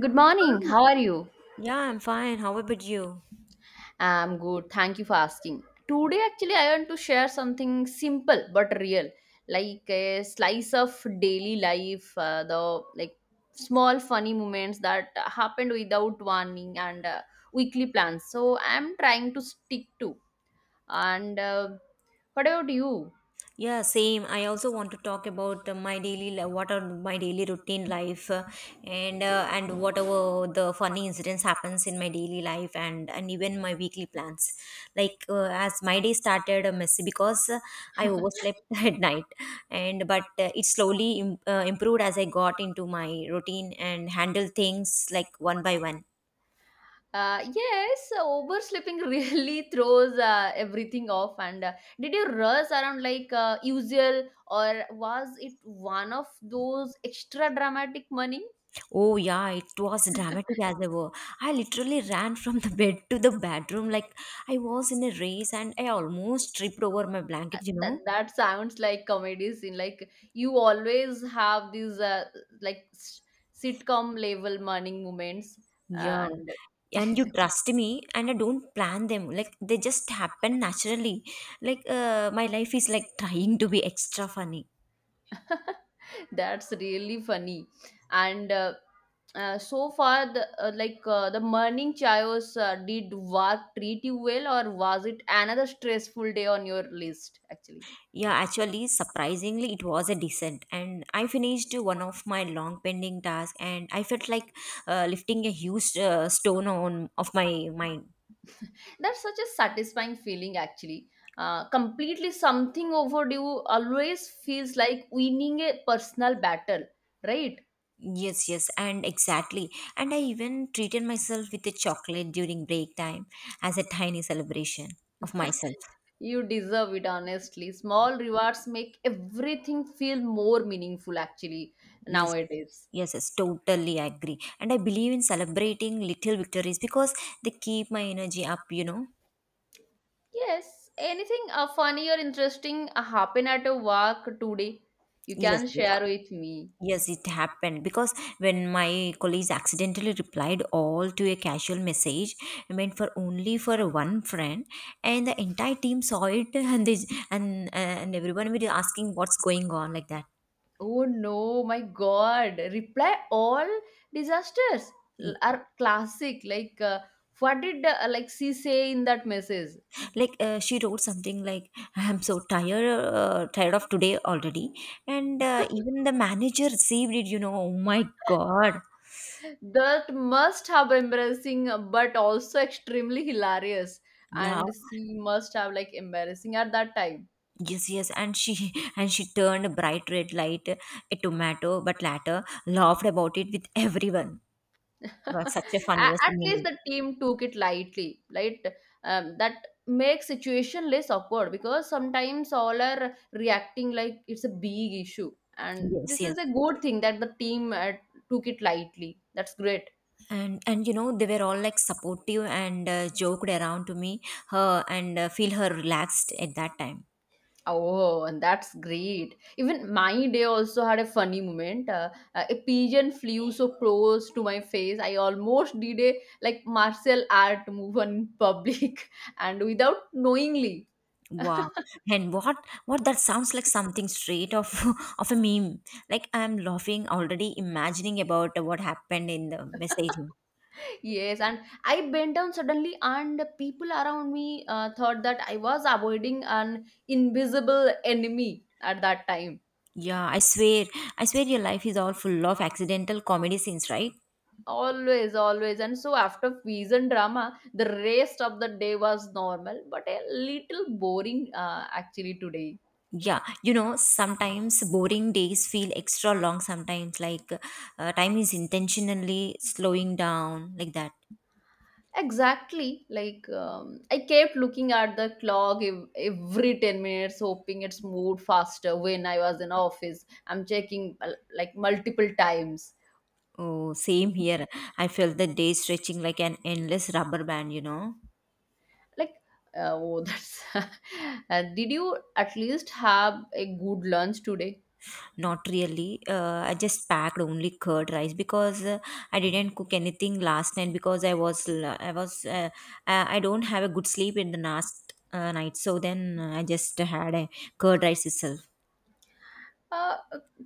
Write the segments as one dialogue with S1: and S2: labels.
S1: Good morning. How are you?
S2: Yeah, I'm fine. How about you?
S1: I'm good. Thank you for asking. Today, actually, I want to share something simple but real, like a slice of daily life, the like small funny moments that happened without warning and weekly plans. So I'm trying to stick to. And What about you?
S2: Yeah, same. I also want to talk about my what are my daily routine life, and whatever the funny incidents happens in my daily life, and even my weekly plans. As my day started messy because I overslept at night, and but it slowly improved as I got into my routine and handled things like one by one.
S1: Yes, Oversleeping really throws everything off. And Did you rush around like usual, or was it one of those extra dramatic morning?
S2: Oh yeah, it was dramatic as ever. I literally ran from the bed to the bedroom like I was in a race and I almost tripped over my blanket, you
S1: that
S2: know?
S1: that sounds like comedy scene. Like you always have these like s- sitcom level morning moments,
S2: Yeah.
S1: and
S2: And you trust me and I don't plan them. Like they just happen naturally. My life is like trying to be extra funny.
S1: that's really funny. And so far, the morning chayos, did work treat you well, or was it another stressful day on your list? Actually,
S2: Yeah, actually, surprisingly, it was a descent, and I finished one of my long pending tasks, and I felt like lifting a huge stone on of my mind.
S1: that's such a satisfying feeling. Actually, completely something overdue always feels like winning a personal battle, right?
S2: Yes, yes, and exactly. And I even treated myself with a chocolate during break time as a tiny celebration of myself.
S1: You deserve it, honestly. Small rewards make everything feel more meaningful, actually,
S2: Yes,
S1: nowadays.
S2: yes, yes, totally agree. And I believe in celebrating little victories because they keep my energy up.
S1: Yes, anything funny or interesting happen at a work today? You
S2: Yes,
S1: can
S2: yes,
S1: share with me.
S2: yes, it happened because when my colleagues accidentally replied all to a casual message meant for only for one friend, and the entire team saw it, and they and everyone was asking what's going on like that.
S1: Oh no, my God! Reply all disasters are classic. Like, what did she say in that message?
S2: She wrote something like I'm so tired of today already, and even the manager received it. Oh my god.
S1: That must have embarrassing, but also extremely hilarious.
S2: Yeah,
S1: And she must have like embarrassing at that time.
S2: yes, yes, and she and she turned a bright red light a tomato but later laughed about it with everyone. Was such a funniest
S1: At least
S2: moment.
S1: the team took it lightly, right? That makes situation less awkward because sometimes all are reacting like it's a big issue, and
S2: Yes,
S1: this is
S2: yes,
S1: a good thing that the team took it lightly. That's great.
S2: and you know they were all like supportive and joked around to me her and feel her relaxed at that time.
S1: Oh, and that's great. Even my day also had a funny moment, a pigeon flew so close to my face, I almost did a like martial art move on public and without knowingly.
S2: Wow. And what that sounds like something straight off of a meme. Like I'm laughing already imagining about what happened in the messaging.
S1: Yes, and I bent down suddenly, and people around me thought that I was avoiding an invisible enemy at that time.
S2: Yeah, I swear. I swear your life is all full of accidental comedy scenes, right?
S1: Always, always. And so, after fusion drama, the rest of the day was normal, but a little boring actually today.
S2: Yeah, you know, sometimes boring days feel extra long sometimes like time is intentionally slowing down like that.
S1: Exactly. I kept looking at the clock every 10 minutes, hoping it's moved faster when I was in office. I'm checking like multiple times.
S2: Oh, same here. I felt the day stretching like an endless rubber band, you know.
S1: like oh that's did you at least have a good lunch today?
S2: Not really. I just packed only curd rice because I didn't cook anything last night because I was l- I was I don't have a good sleep in the last night. So then I just had a curd rice itself.
S1: uh,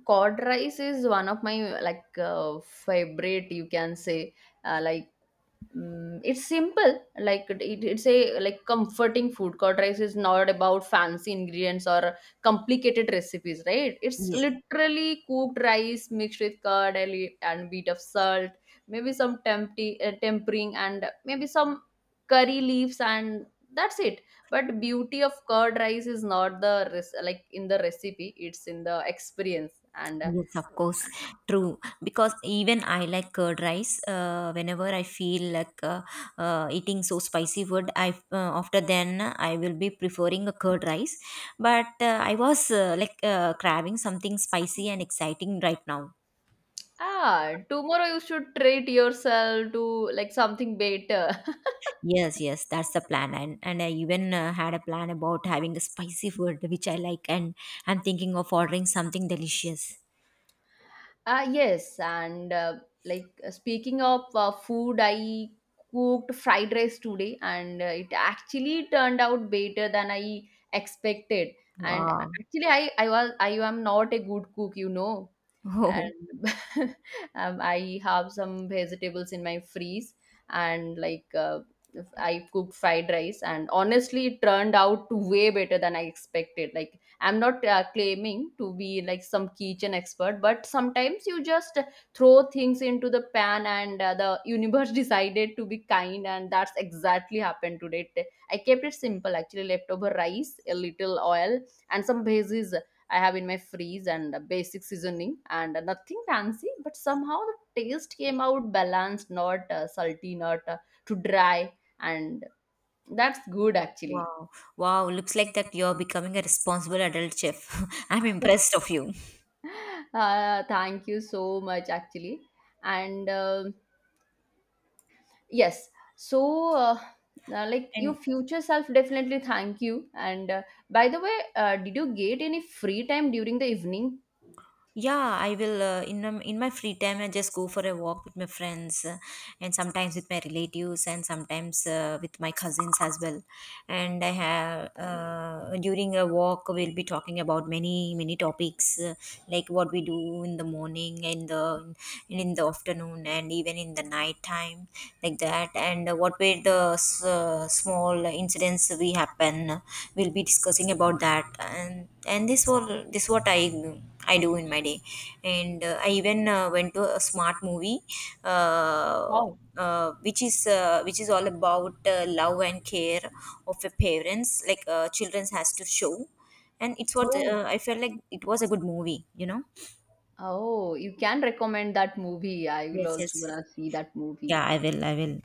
S1: Cod rice is one of my favorite, you can say. uh, like Mm, it's simple. Like it's a like comforting food. Curd rice is not about fancy ingredients or complicated recipes, right? It's
S2: Yes.
S1: literally cooked rice mixed with curd and a and bit of salt, maybe some tempering and maybe some curry leaves, and that's it. But beauty of curd rice is not like in the recipe, it's in the experience. And
S2: Yes, of course, true. Because even I like curd rice. Whenever I feel like eating so spicy food, I after then I will be preferring a curd rice. But I was craving something spicy and exciting right now.
S1: ah, tomorrow you should treat yourself to like something better.
S2: Yes, yes, that's the plan, and I even had a plan about having a spicy food which I like, and I'm thinking of ordering something delicious.
S1: Ah, yes, and like speaking of food, I cooked fried rice today, and it actually turned out better than I expected. And
S2: Wow.
S1: actually, I am not a good cook, you know. And I have some vegetables in my freeze, and if I cook fried rice, and honestly it turned out to way better than I expected. Like I'm not claiming to be like some kitchen expert, but sometimes you just throw things into the pan and the universe decided to be kind, and that's exactly happened today. It- I kept it simple. Actually, leftover rice, a little oil and some bases I have in my freeze, and a basic seasoning, and nothing fancy, but somehow the taste came out balanced, not salty, not too dry, and that's good actually.
S2: Wow. Wow, looks like that you're becoming a responsible adult chef. I'm impressed of you.
S1: Thank you so much actually, and um, yes, so uh, your
S2: And
S1: future self definitely thank you. And by the way, did you get any free time during the evening?
S2: yeah, I will in my free time I just go for a walk with my friends and sometimes with my relatives and sometimes with my cousins as well. And I have during a walk we'll be talking about many topics like what we do in the morning and the and in the afternoon and even in the night time like that, and what were the small incidents we happen we'll be discussing about that, and this was this what I do in my day. And I even went to a smart movie, uh,
S1: Oh,
S2: which is all about love and care of a parents like children has to show. And it's what
S1: oh.
S2: I felt like it was a good movie, you know.
S1: Oh, you can recommend that movie. I will
S2: Yes,
S1: also
S2: yes,
S1: gonna see that movie.
S2: yeah, I will.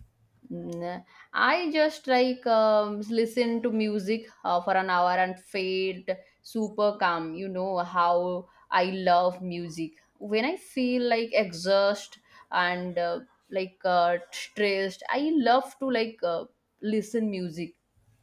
S1: Mm, I just listen to music for an hour and feel super calm. You know how I love music. When I feel like exhausted and stressed, I love to listen music.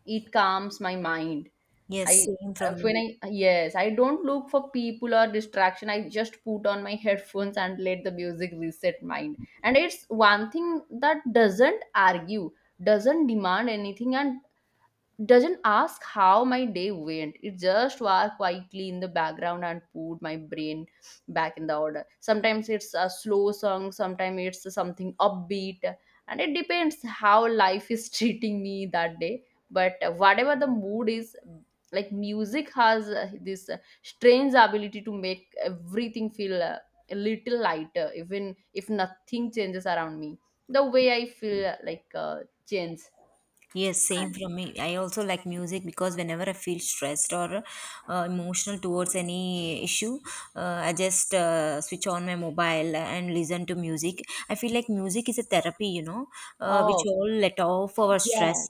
S1: It calms my mind.
S2: Yes,
S1: I
S2: same from
S1: when
S2: me.
S1: I Yes, I don't look for people or distraction. I just put on my headphones and let the music reset mind. And it's one thing that doesn't argue, doesn't demand anything, and doesn't ask how my day went. It just was quietly in the background and put my brain back in the order. Sometimes it's a slow song, sometimes it's something upbeat, and it depends how life is treating me that day. But whatever the mood is, like music has this strange ability to make everything feel a little lighter. Even if nothing changes around me, the way I feel changes.
S2: Yes, same from me. I also like music because whenever I feel stressed or emotional towards any issue, I just switch on my mobile and listen to music. I feel like music is a therapy, you know, which
S1: Oh,
S2: all let off our
S1: yeah,
S2: stress,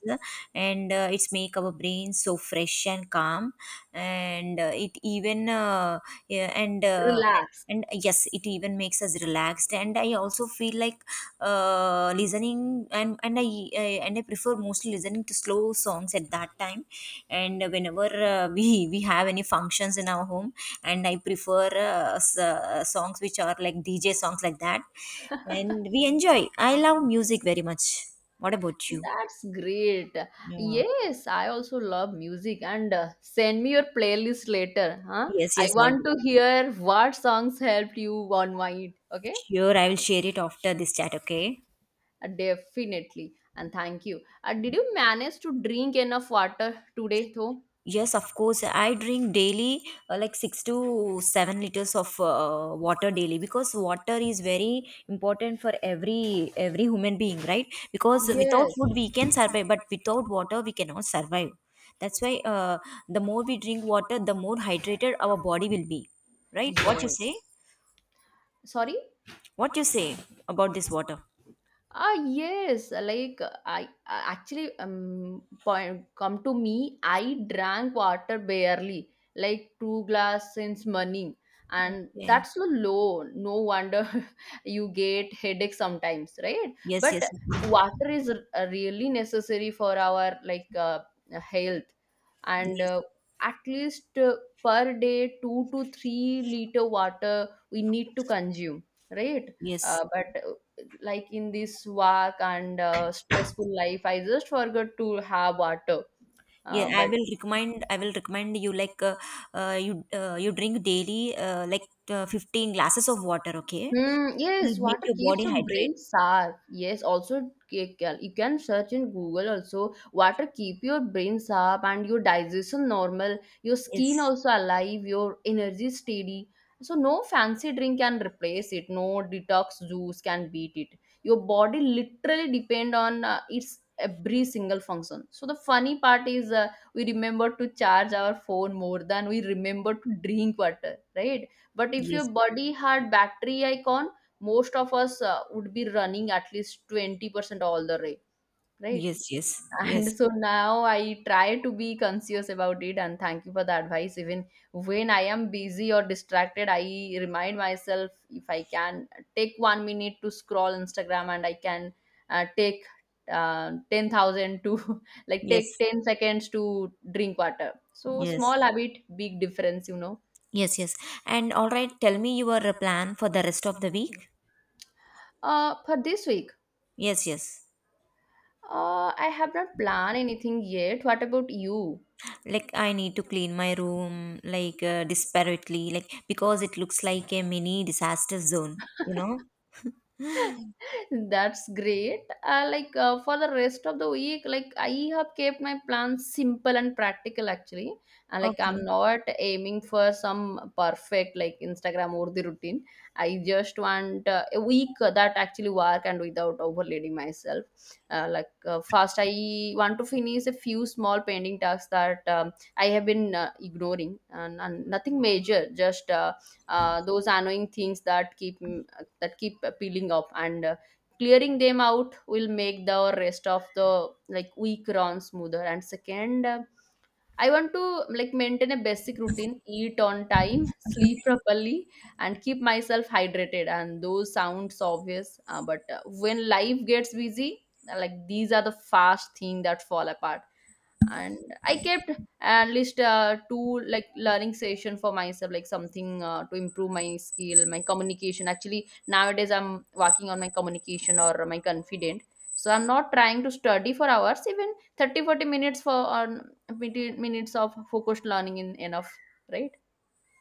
S2: and it's make our brain so fresh and calm. And it even yeah,
S1: relax.
S2: and yes, it even makes us relaxed. And I also feel like listening and I prefer mostly listening to slow songs at that time, and whenever we have any functions in our home, and I prefer songs which are like DJ songs like that. And we enjoy. I love music very much. What about you?
S1: That's great.
S2: Yeah.
S1: Yes, I also love music, and send me your playlist later, huh?
S2: Yes,
S1: I
S2: yes, I
S1: want
S2: will.
S1: to hear what songs helped you unwind. Okay.
S2: Sure, I will share it after this chat. Okay.
S1: Definitely. And thank you. Did you manage to drink enough water today though?
S2: Yes, of course. I drink daily like 6 to 7 liters of water daily because water is very important for every human being, right? Because without
S1: Yes,
S2: food we can survive, but without water we cannot survive. That's why the more we drink water, the more hydrated our body will be, right? What you
S1: yes,
S2: say?
S1: sorry.
S2: What you say about this water?
S1: Ah, yes, like actually um, point come to me, I drank water barely, like two glass since morning, and
S2: Okay.
S1: that's so low. No wonder you get headache sometimes, right?
S2: Yes.
S1: But
S2: Yes.
S1: water is really necessary for our health, and
S2: Yes.
S1: at least per day 2 to 3 liter water we need to consume, right?
S2: Yes.
S1: But like in this work and stressful life, I just forgot to have water,
S2: Yeah,
S1: uh,
S2: I
S1: but
S2: will recommend. I will recommend you you drink daily like 15 glasses of water. Okay, it
S1: hmm.
S2: will
S1: Yes,
S2: make
S1: water
S2: your
S1: keeps
S2: body
S1: your brain
S2: hydrate.
S1: sharp. Yes, also, you can search in Google also. Water keep your brain sharp and your digestion normal, your
S2: Yes,
S1: skin also alive, your energy steady. So no fancy drink can replace it. No detox juice can beat it. Your body literally depend on its every single function. So the funny part is we remember to charge our phone more than we remember to drink water, right? But if your
S2: yes,
S1: body had battery icon, most of us would be running at least 20% all the way, right?
S2: yes, yes,
S1: And
S2: yes,
S1: so now I try to be conscious about it, and thank you for the advice. Even when I am busy or distracted, I remind myself if I can take 1 minute to scroll instagram, and I can take 10,000 to like take
S2: yes,
S1: 10 seconds to drink water. So
S2: yes,
S1: small habit, big difference, you know.
S2: yes, yes. And all right, tell me your plan for the rest of the week.
S1: For this week,
S2: Yes, yes.
S1: uh, I have not planned anything yet. What about you?
S2: Like I need to clean my room like disparately, like because it looks like a mini disaster zone. You know?
S1: That's great. For the rest of the week, like I have kept my plans simple and practical actually. I'm
S2: Okay.
S1: not aiming for some perfect like Instagram or the routine. I just want a week that actually work and without overloading myself. First, I want to finish a few small pending tasks that I have been ignoring, and nothing major. Just those annoying things that that keep peeling up, and clearing them out will make the rest of the like week run smoother. And second, I want to like maintain a basic routine, eat on time, sleep properly, and keep myself hydrated, and those sounds obvious, but when life gets busy, these are the fast thing that fall apart. And I kept at least two like learning session for myself, like something to improve my skill, my communication. Actually, nowadays I'm working on my communication or my confident, so I'm not trying to study for hours. Even 30, 40 minutes for 20 minutes of focused learning in enough, right?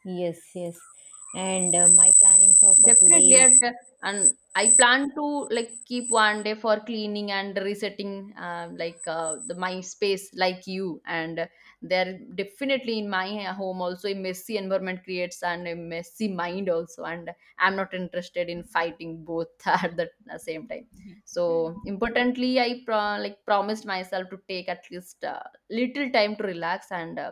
S2: Yes, yes. And my plannings are for
S1: Definitely,
S2: today.
S1: and I plan to like keep one day for cleaning and resetting, the my space, like you. And there definitely in my home also a messy environment creates and a messy mind also. And I'm not interested in fighting both at the same time. So importantly, I like promised myself to take at least little time to relax and.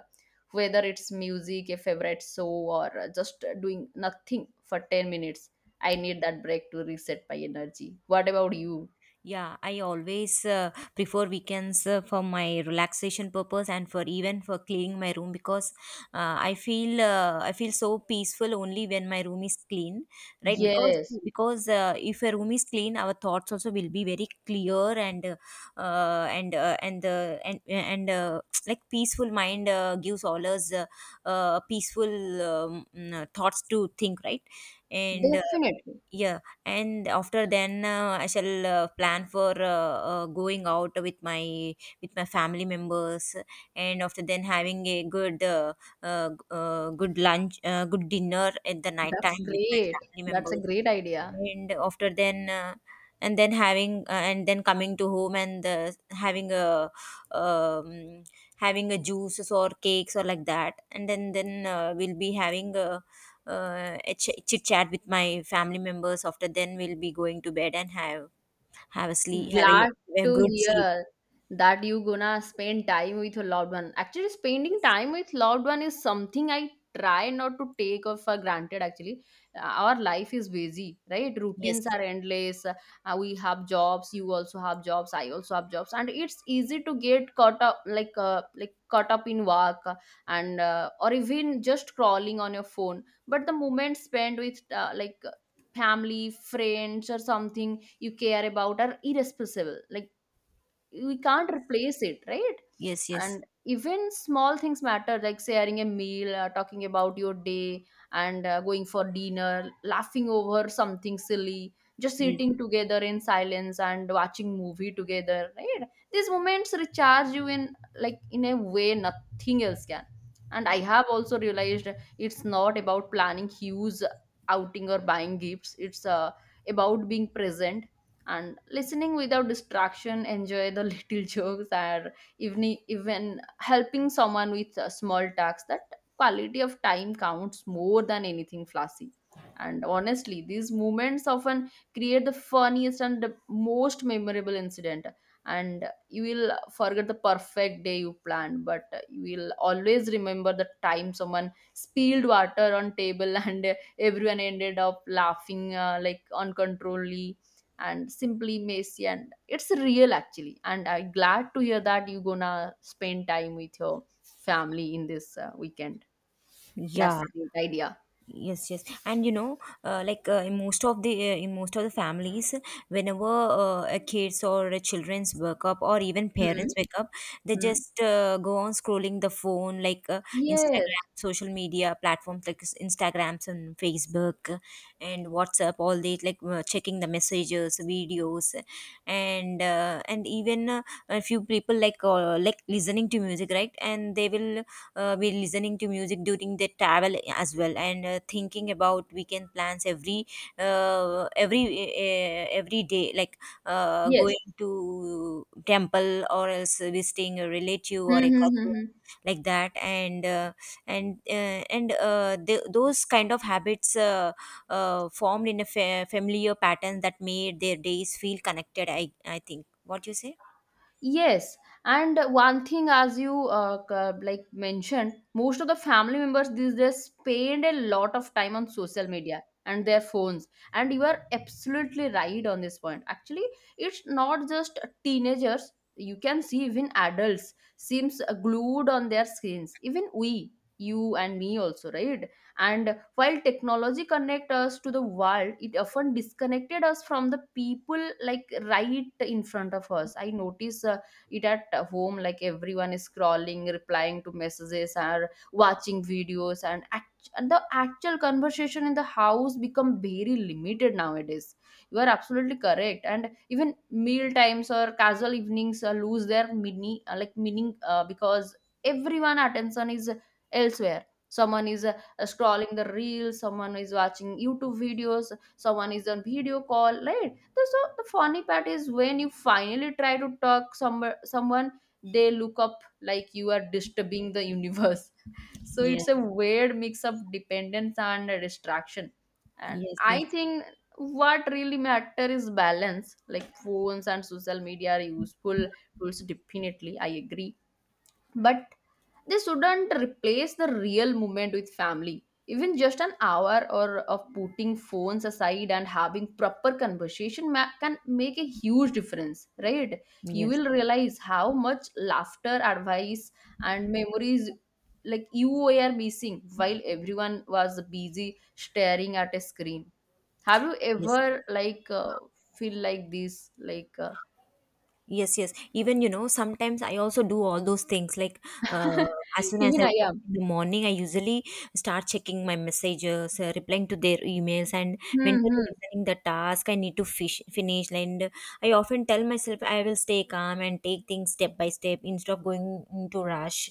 S1: Whether it's music, a favorite show, or just doing nothing for 10 minutes. I need that break to reset my energy. What about you?
S2: Yeah, I always prefer weekends for my relaxation purpose and for even for cleaning my room because I feel so peaceful only when my room is clean, right? Because
S1: Yes,
S2: because uh, if a room is clean, our thoughts also will be very clear, and the and like peaceful mind gives all us peaceful thoughts to think, right? And
S1: definitely.
S2: yeah, and after then I shall plan for going out with my family members, and after then having a good good lunch, good dinner at the night
S1: That's
S2: time with my
S1: great.
S2: family
S1: That's a
S2: members.
S1: great idea.
S2: And after then having and then coming to home, and having a um, having a juices or cakes or like that. And then we'll be having a chit chat with my family members. After then we'll be going to bed and have a sleep, have
S1: Glad
S2: a, a
S1: to
S2: good sleep.
S1: hear that you gonna spend time with your loved one. Actually, spending
S2: Yes,
S1: time with loved one is something I try not to take of for granted. Actually, uh, our life is busy, right? Routines
S2: yes,
S1: are endless. We have jobs. You also have jobs. I also have jobs, and it's easy to get caught up, like caught up in work, and or even just crawling on your phone. But the moment spent with like family, friends, or something you care about are irreplaceable, like we can't replace it, right?
S2: yes, yes,
S1: And even small things matter, like sharing a meal, talking about your day and going for dinner, laughing over something silly, just
S2: yes,
S1: sitting together in silence and watching movie together, right? These moments recharge you in, like in a way nothing else can. And I have also realized it's not about planning huge outing or buying gifts. It's about being present and listening without distraction, enjoy the little jokes or even even helping someone with a small tasks. That quality of time counts more than anything flashy. And honestly, these moments often create the funniest and the most memorable incident. And you will forget the perfect day you planned, but you will always remember the time someone spilled water on table and everyone ended up laughing, like uncontrollably and simply messy, and it's real actually. And I'm glad to hear that you're gonna spend time with your family in this weekend.
S2: yeah,
S1: That's a great idea.
S2: yes, yes. And you know, in most of the families, whenever a kids or a children's wake up or even
S1: Hmm.
S2: parents wake up, they
S1: Hmm.
S2: just go on scrolling the phone like Instagram,
S1: Yes,
S2: social media platforms like Instagrams and Facebook, and WhatsApp. All they like checking the messages, videos, and even a few people like listening to music, right? And they will be listening to music during their travel as well. And thinking about weekend plans uh, every every day, like
S1: yes.
S2: going to temple or else visiting a relative or
S1: Hmm,
S2: a
S1: hmm, hmm,
S2: cousin
S1: hmm.
S2: like that. And th those kind of habits formed in a familiar pattern that made their days feel connected, I think. What you say?
S1: Yes, and one thing, as you c- like mentioned, most of the family members these days spend a lot of time on social media and their phones. And you are absolutely right on this point. Actually, it's not just teenagers. You can see even adults seems glued on their screens. Even we, you and me also, right? And while technology connect us to the world, it often disconnected us from the people like right in front of us. I notice it at home, like everyone is scrolling, replying to messages or watching videos, and, and the actual conversation in the house become very limited nowadays. You are absolutely correct. And even meal times or casual evenings lose their meaning, because everyone attention is elsewhere. Someone is scrolling the reels, someone is watching YouTube videos, someone is on video call, right? So the funny part is when you finally try to talk someone, they look up like you are disturbing the universe. So
S2: Yes,
S1: it's a weird mix of dependence and distraction. And
S2: yes,
S1: I
S2: yes,
S1: think what really matter is balance. Like phones and social media are useful tools, definitely, I agree. But they shouldn't replace the real moment with family. Even just an hour or of putting phones aside and having proper conversation can make a huge difference, right? You
S2: yes,
S1: will realize how much laughter, advice and memories like you were missing while everyone was busy staring at a screen. Have you
S2: yes.
S1: ever like feel like this, like
S2: Yes, yes. Even, you know, sometimes I also do all those things. Like, uh, as soon as
S1: even
S2: I wake
S1: I
S2: up
S1: am.
S2: in the morning, I usually start checking my messages, replying to their emails, and
S1: Hmm,
S2: mentally
S1: hmm,
S2: listening the task I need to finish. And I often tell myself I will stay calm and take things step by step instead of going into rush.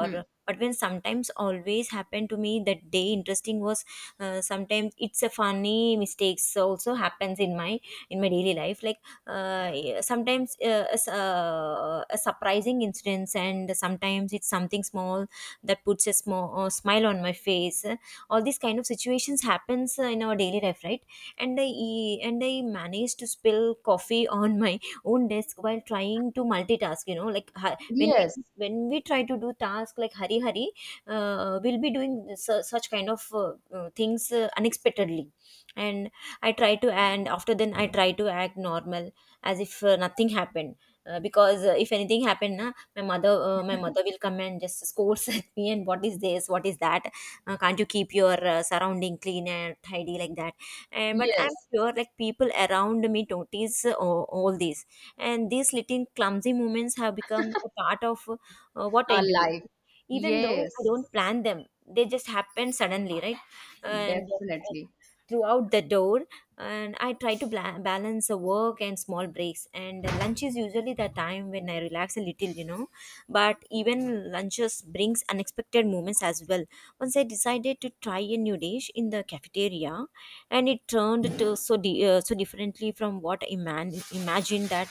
S1: hmm.
S2: but when sometimes always happened to me that day interesting was sometimes it's a funny mistakes also happens in my daily life like yeah, sometimes a surprising incidents, and sometimes it's something small that puts a small smile on my face. All these kind of situations happens in our daily life, right? And and I managed to spill coffee on my own desk while trying to multitask, you know, like when we
S1: Yes,
S2: when we try to do task like hurry hurry, we'll be doing such kind of things unexpectedly. And I try to and after then I try to act normal, as if nothing happened. Because if anything happened na, my mother will come and just scolds at me and what is this, what is that. Can't you keep your surrounding clean and tidy, like that. And but
S1: yes.
S2: I'm sure like people around me notice all this, and these little clumsy moments have become a part of what I
S1: Our
S2: do,
S1: life.
S2: even though I
S1: Yes,
S2: don't plan them, they just happen suddenly, right? And
S1: definitely.
S2: Throughout the door, and I try to balance the work and small breaks, and lunch is usually the time when I relax a little, you know. But even lunches brings unexpected moments as well. Once I decided to try a new dish in the cafeteria, and it turned to so differently from what I imagined, that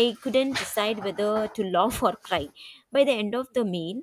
S2: I couldn't decide whether to laugh or cry. By the end of the meal,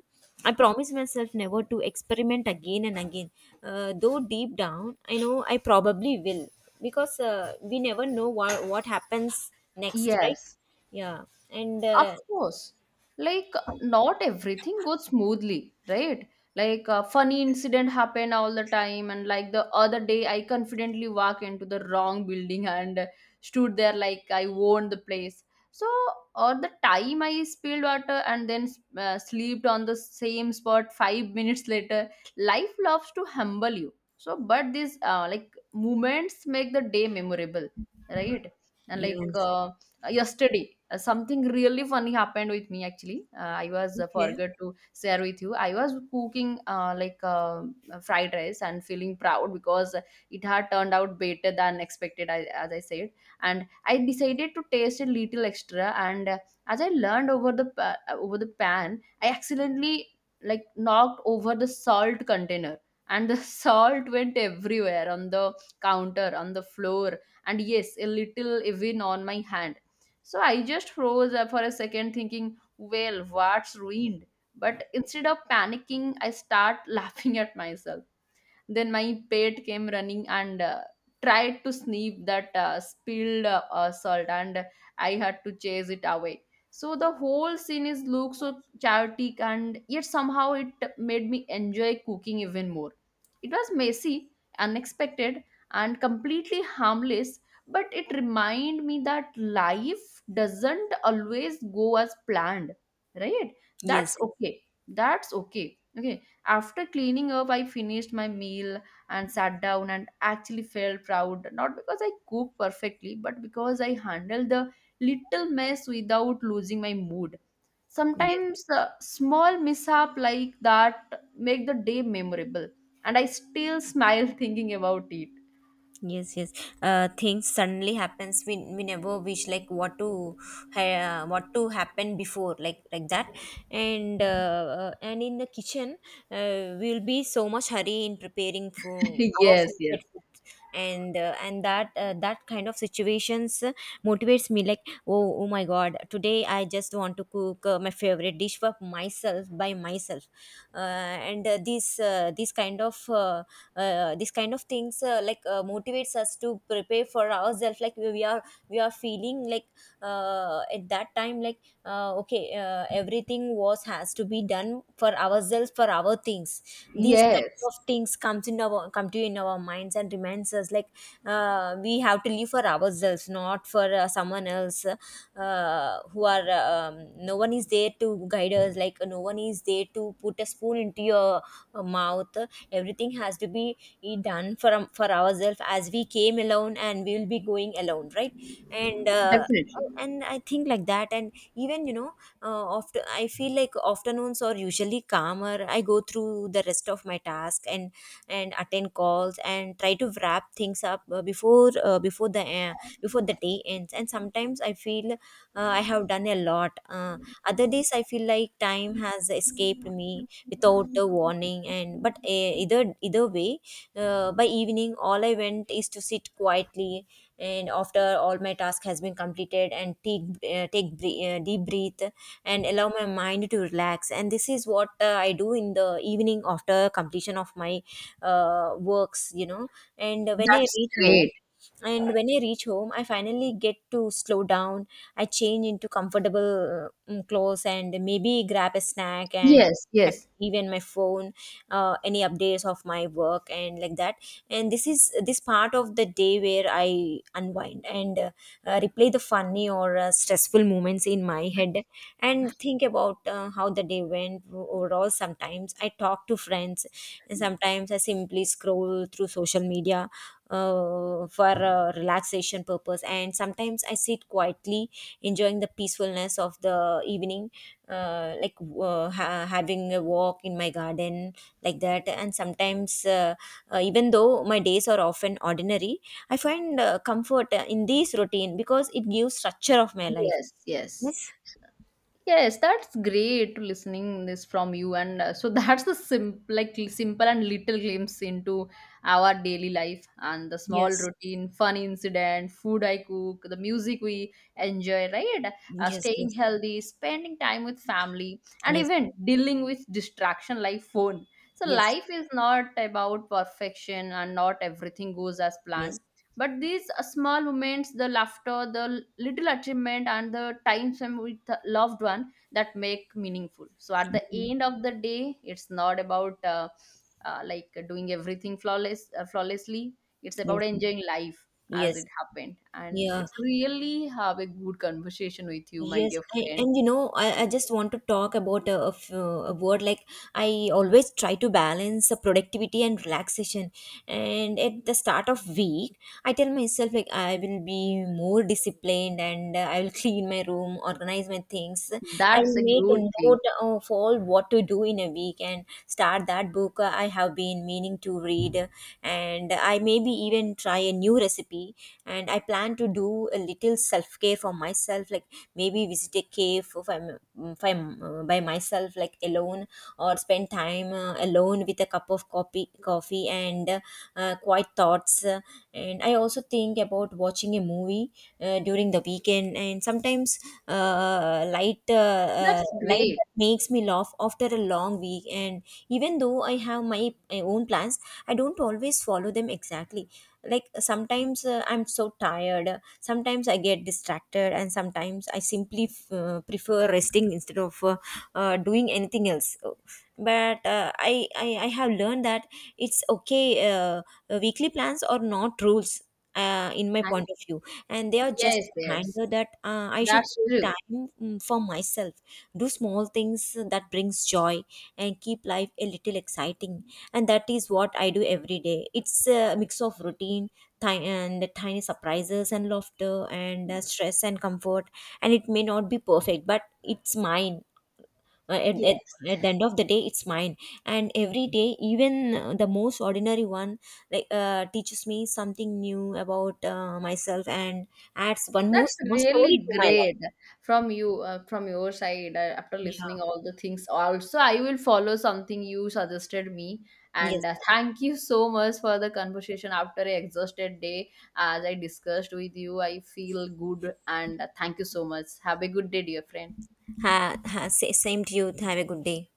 S2: I promise myself never to experiment again and again. Though deep down, I know I probably will, because we never know what happens next, right?
S1: Yes.
S2: Yeah, and
S1: Of course, like not everything goes smoothly, right? Like a funny incident happen all the time, and like the other day, I confidently walk into the wrong building and stood there like I owned the place. So, or the time I spilled water and then slept on the same spot 5 minutes later. Life loves to humble you. So, but these like moments make the day memorable, right? And like
S2: yes.
S1: yesterday something really funny happened with me actually. I was
S2: Okay.
S1: forgot to share with you. I was cooking like fried rice and feeling proud because it had turned out better than expected, I, as I said. And I decided to taste a little extra. And as I learned over the pan, I accidentally like knocked over the salt container. And the salt went everywhere, on the counter, on the floor, and yes, a little even on my hand. So I just froze for a second, thinking, well, what's ruined? But instead of panicking, I start laughing at myself. Then my pet came running and tried to sniff that spilled salt, and I had to chase it away. So the whole scene is looks so chaotic, and yet somehow it made me enjoy cooking even more. It was messy, unexpected, and completely harmless, but it reminded me that life doesn't always go as planned, right?
S2: Yes,
S1: That's okay. That's okay. Okay, after cleaning up, I finished my meal and sat down and actually felt proud, not because I cooked perfectly, but because I handled the little mess without losing my mood.
S2: yes.
S1: Sometimes small mishap like that make the day memorable, and I still smile thinking about it.
S2: Yes, yes. Things suddenly happens. We never wish like what to what to happen before, like that. And and in the kitchen, we'll be so much hurry in preparing for our
S1: Yes, yes.
S2: favorite food. And that that kind of situations motivates me like, oh oh my god, today I just want to cook my favorite dish for myself by myself. Uh, and these These kind of this kind of things like motivates us to prepare for ourselves, like we are feeling like at that time like, okay, everything was has to be done for ourselves, for our things. These kind
S1: Yes,
S2: of things comes in our come to in our minds and reminds us like, we have to live for ourselves, not for someone else who are no one is there to guide us, like no one is there to put a spoon into your mouth. Everything has to be done for ourselves, as we came alone and we will be going alone, right? and uh,
S1: definitely.
S2: and I think like that. And even, you know, after I feel like afternoons are usually calmer. I go through the rest of my task and attend calls and try to wrap things up before the day ends, and sometimes I feel I have done a lot. Other days I feel like time has escaped me without a warning. And but either way, by evening, all I went is to sit quietly, and after all my task has been completed and take deep breath and allow my mind to relax. And this is what I do in the evening after completion of my works, you know. and when i
S1: That's
S2: reach home
S1: great.
S2: and when I reach home, I finally get to slow down. I change into comfortable clothes and maybe grab a snack and
S1: Yes,
S2: check
S1: yes,
S2: even my phone, any updates of my work and like that. And this is this part of the day where I unwind and replay the funny or stressful moments in my head and think about how the day went overall. Sometimes I talk to friends, and sometimes I simply scroll through social media for relaxation purpose, and sometimes I sit quietly enjoying the peacefulness of the evening, like having a walk in my garden, like that. And sometimes even though my days are often ordinary, I find comfort in this routine, because it gives structure of my life.
S1: yes, yes.
S2: Yes,
S1: Yes, that's great listening this from you. And so that's the simple, like simple and little glimpse into our daily life and the small
S2: yes.
S1: routine, fun incident, food I cook, the music we enjoy, right?
S2: Yes,
S1: Staying
S2: yes,
S1: healthy, spending time with family, and
S2: yes,
S1: even dealing with distraction like phone. So
S2: yes,
S1: life is not about perfection and not everything goes as
S2: yes,
S1: planned, but these small moments, the laughter, the little achievement and the time spent with the loved one, that make meaningful. So at the end of the day, it's not about like doing everything flawlessly. It's about
S2: yes, yes,
S1: enjoying life as
S2: yes.
S1: it happened. And
S2: Yeah.
S1: it's really have a good conversation with you, my
S2: Yes,
S1: dear friend.
S2: and you know, I just want to talk about a word like, I always try to balance the productivity and relaxation. And at the start of week, I tell myself like I will be more disciplined, and I will clean my room, organize my things. I'll
S1: That's a
S2: make a
S1: good thing.
S2: note of all what to do in a week and start that book I have been meaning to read. And I maybe even try a new recipe. And I plan to do a little self care for myself, like maybe visit a cave if I'm by myself, like alone, or spend time alone with a cup of coffee and quiet thoughts. And I also think about watching a movie during the weekend, and sometimes
S1: That's
S2: light
S1: great.
S2: that makes me laugh after a long week. And even though I have my own plans, I don't always follow them exactly, like sometimes I'm so tired, sometimes I get distracted, and sometimes I simply prefer resting instead of doing anything else. But I have learned that it's okay, weekly plans are not rules, in my
S1: And
S2: point of view, and they are just
S1: yes,
S2: a
S1: yes,
S2: reminder that I should
S1: that's
S2: take
S1: true.
S2: time for myself, do small things that brings joy and keep life a little exciting. And that is what I do every day. It's a mix of routine and tiny surprises and laughter and stress and comfort, and it may not be perfect but it's mine. Uh, at, at,
S1: Yes.
S2: at the end of the day, it's mine. And every day, even the most ordinary one, like teaches me something new about myself and adds
S1: That's
S2: more story
S1: really
S2: to my life.
S1: great from you, from your side. After
S2: Yeah.
S1: listening all the things also, I will follow something you suggested me.
S2: Yes.
S1: And thank you so much for the conversation after a exhausted day. As I discussed with you, I feel good. And thank you so much, have a good day, dear friend.
S2: Ha, ha, same to you, have a good day.